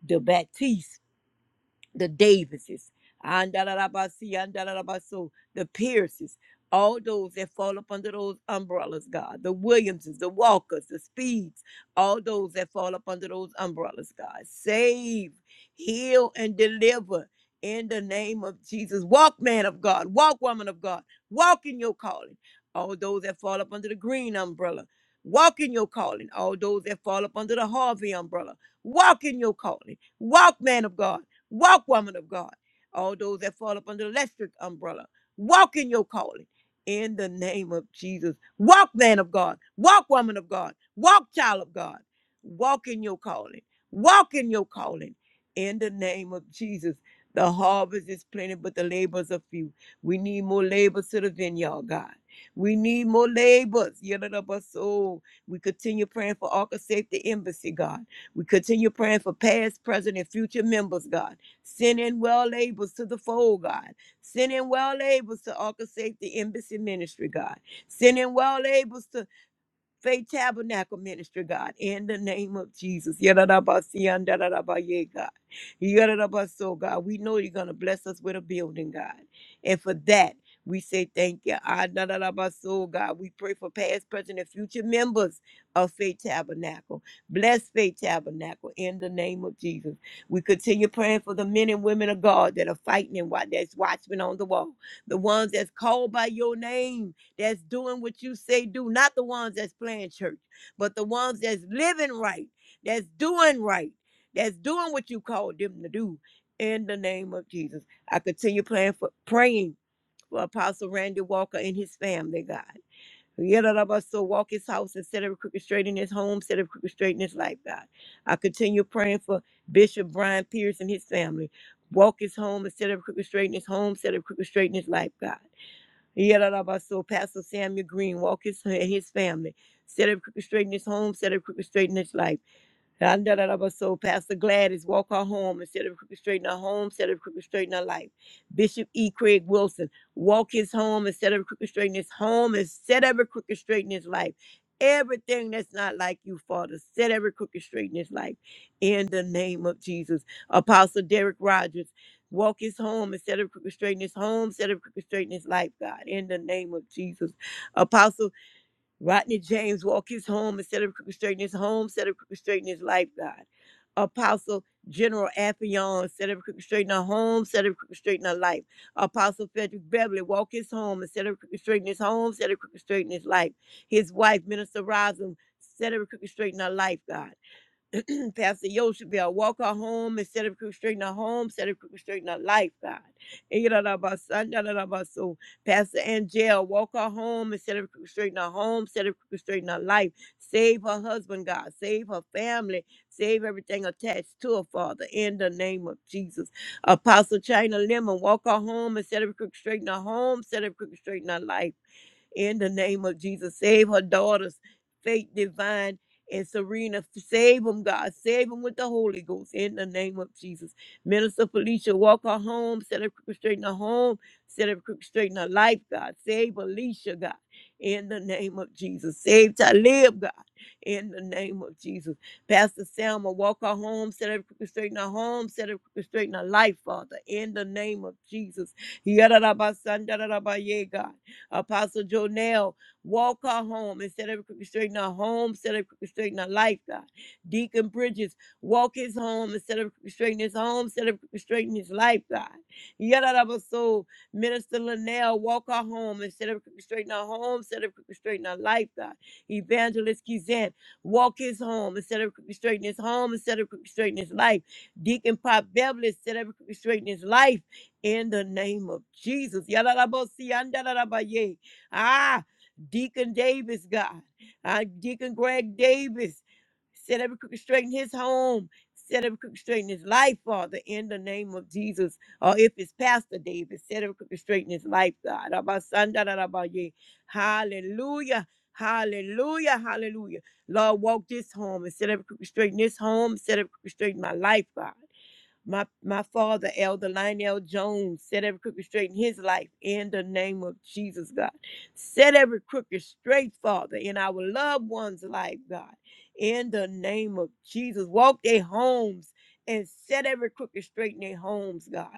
S4: the Baptiste the Davises, Andalabasi, Andalabaso, the Pierces, all those that fall up under those umbrellas, God, the Williamses, the Walkers, the Speeds, all those that fall up under those umbrellas, God. Save, heal, and deliver in the name of Jesus. Walk, man of God, walk, woman of God, walk in your calling. All those that fall up under the green umbrella, walk in your calling. All those that fall up under the Harvey umbrella, walk in your calling. Walk, man of God. Walk, woman of God. All those that fall up under the electric umbrella. Walk in your calling. In the name of Jesus. Walk, man of God. Walk, woman of God. Walk, child of God. Walk in your calling. Walk in your calling. In the name of Jesus. The harvest is plenty, but the laborers are few. We need more laborers to the vineyard, God. We need more laborers. soul, We continue praying for Arca Safety Embassy, God. We continue praying for past, present, and future members, God. Send in well labels to the fold, God. Send in well labels to Arca Safety Embassy Ministry, God. Send in well labels to. Faith Tabernacle Ministry, God, in the name of Jesus. Yadadabasiyan, dadadabaye, God. Yadadabaso, God. We know you're going to bless us with a building, God. And for that, we say thank you. Ah, dadadabaso, God. We pray for past, present, and future members of Faith Tabernacle. Bless Faith Tabernacle in the name of Jesus. We continue praying for the men and women of God that are fighting and wa- that's watchmen on the wall, the ones that's called by your name that's doing what you say do, not the ones that's playing church, but the ones that's living right, that's doing right, that's doing what you called them to do. In the name of Jesus, I continue praying for praying for Apostle Randy Walker and his family, God. Yet all of us so walk his house instead of crooked straight in his home, instead of crooked straight in his life, God. I continue praying for Bishop Brian Pierce and his family. Walk his home instead of crooked straight in his home, instead of crooked straight in his life, God. Yadadabaso, Pastor Samuel Green, walk his and his family. Set up crooked straight in his home, set up crooked straight in his life. And da- da- da- but So Pastor Gladys, walk her home instead of crooked straighten her home, instead of crooked straighten her life. Bishop E. Craig Wilson, walk his home instead of crooked straighten his home, instead of crooked straighten his life. Everything that's not like you, Father, set every crooked straighten his life. In the name of Jesus. Apostle Derek Rogers, walk his home instead of crooked straighten his home, instead of crooked straighten his life, God. In the name of Jesus. Apostle Rodney James walk his home instead of straightening his home, instead of straightening his life, God. Apostle General Affion, instead of straightening straight her home, instead of straightening straight her life. Apostle Frederick Beverly walk his home instead of straightening his home, instead of straightening his life. His wife, Minister Rosin, instead of straightening her life, God. Pastor Yoshibel, walk her home instead of constricting her home, instead of constricting her life, God. And you you know know about son, Ikarabasa, narabaso. Pastor Angel, walk her home instead of constricting her home, instead of constricting her life. Save her husband, God. Save her family. Save everything attached to her, Father, in the name of Jesus. Apostle China Lemon, walk her home instead of constricting her home, instead of constricting her life in the name of Jesus. Save her daughters, Faith Divine and Serena. Save them, God. Save them with the Holy Ghost in the name of Jesus. Minister Felicia, walk her home, set her crooked straight in her home, set her crooked straight in her life, God. Save Alicia, God, in the name of Jesus. Save Talib, God, in the name of Jesus. Pastor Selma, walk her home, set her crooked straight in her home, set her crooked straight in her life, Father, in the name of Jesus. Yadarabasandarabaye, God. Apostle Jonell, walk her home instead of straightening her home, instead of straightening her life, God. Deacon Bridges, walk his home instead of straightening his home, instead of straightening his life, God. Yadadabaso, Minister Linnell, walk her home instead of straightening her home, instead of straightening her life, God. Evangelist Kizan, walk his home instead of straightening his home, instead of straightening his life. Deacon Pop Beverly, instead of straightening his life in the name of Jesus. Yadadabosi, andadadabaye. Ah, Deacon Davis, God. Ah, Deacon Greg Davis. Set every crooked straight in his home. Set every crooked straight in his life, Father, in the name of Jesus. Or if it's Pastor Davis, set every crooked straight in his life, God. Abasandadadabaye. Hallelujah. Hallelujah. Hallelujah. Lord, walk this home and set every crooked straight in this home. Set every crooked straight in my life, God. My my father, Elder Lionel Jones, set every crooked straight in his life in the name of Jesus, God. Set every crooked straight, Father, in our loved ones' life, God. In the name of Jesus. Walk their homes and set every crooked straight in their homes, God.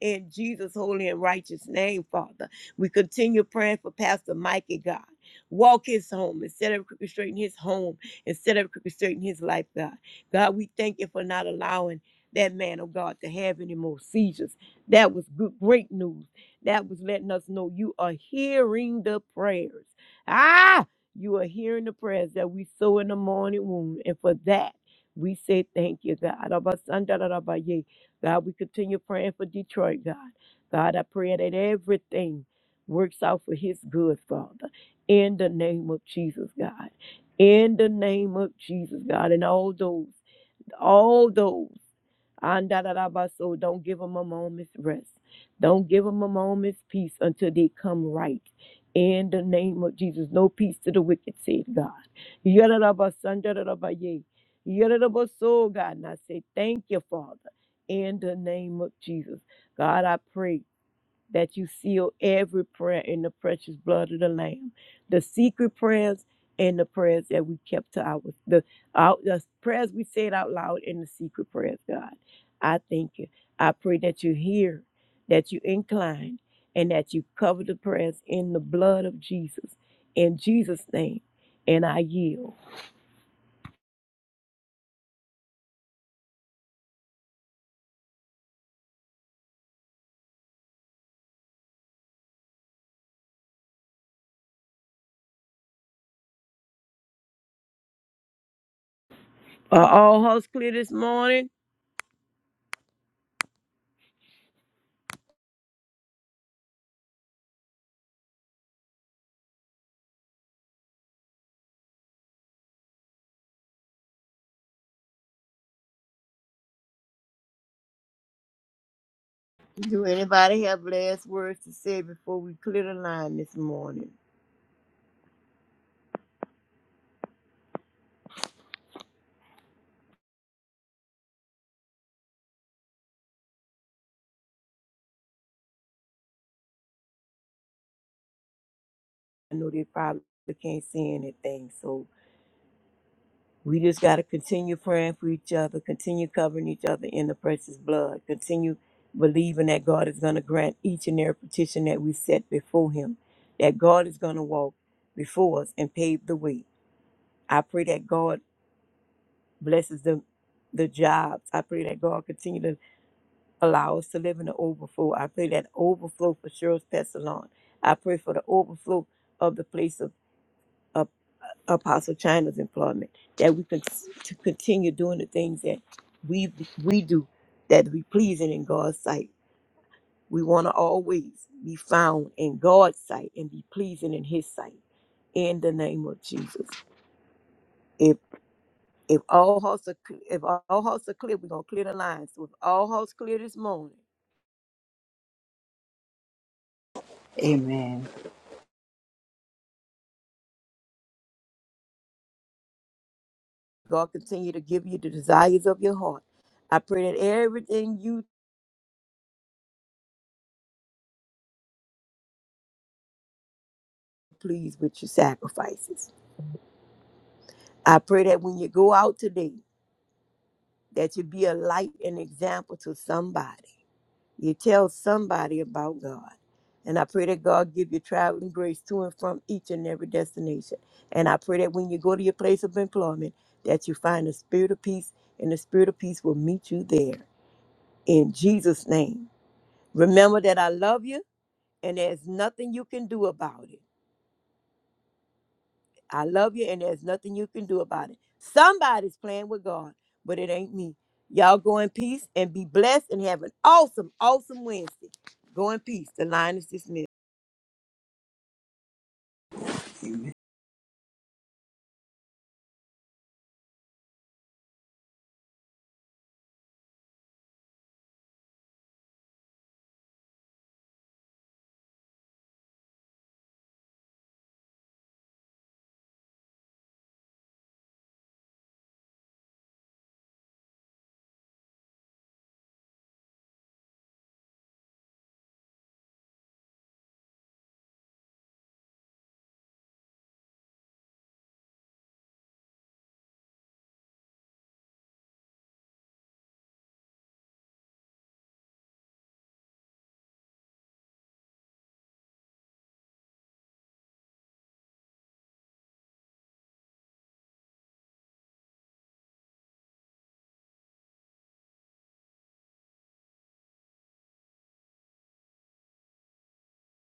S4: In Jesus' holy and righteous name, Father. We continue praying for Pastor Mikey, God. Walk his home and set every crooked straight in his home and set every crooked straight in his life, God. God, we thank you for not allowing that man of God to have any more seizures. That was good, great news. That was letting us know you are hearing the prayers. Ah, you are hearing the prayers that we sow in the morning womb. And for that, we say thank you, God. Abasandarabaye. God, we continue praying for Detroit, God. God, I pray that everything works out for his good, Father. In the name of Jesus, God. In the name of Jesus, God. And all those, all those. Andadadabaso, don't give them a moment's rest. Don't give them a moment's peace until they come right. In the name of Jesus, no peace to the wicked, said God. Yadadabasandadadabaye. Yadadabaso, God. And I say, thank you, Father, in the name of Jesus. God, I pray that you seal every prayer in the precious blood of the Lamb, the secret prayers and the prayers that we kept to our the out the prayers we said out loud and the secret prayers. God, I thank you. I pray that you hear, that you incline, and that you cover the prayers in the blood of Jesus. In Jesus' name, and I yield. Are all hearts clear this morning? Do anybody have last words to say before we clear the line this morning? I know they probably can't see anything. So we just got to continue praying for each other, continue covering each other in the precious blood, continue believing that God is going to grant each and every petition that we set before Him, that God is going to walk before us and pave the way. I pray that God blesses the the jobs. I pray that God continue to allow us to live in the overflow. I pray that overflow for Cheryl's Pestilon. I pray for the overflow of the place of of Apostle China's employment, that we can to continue doing the things that we we do that be pleasing in God's sight. We want to always be found in God's sight and be pleasing in His sight. In the name of Jesus, if if all hearts are cl- if all hearts are clear, we're gonna clear the lines. So if all hearts clear this morning,
S2: Amen.
S4: God continue to give you the desires of your heart. I pray that everything you please with your sacrifices. I pray that when you go out today. that you be a light and example to somebody. You tell somebody about God. And I pray that God give you traveling grace to and from each and every destination. And I pray that when you go to your place of employment, that you find the spirit of peace, and the spirit of peace will meet you there. In Jesus' name. Remember that I love you, and there's nothing you can do about it. I love you, and there's nothing you can do about it. Somebody's playing with God, but it ain't me. Y'all go in peace and be blessed and have an awesome, awesome Wednesday. Go in peace. The line is dismissed.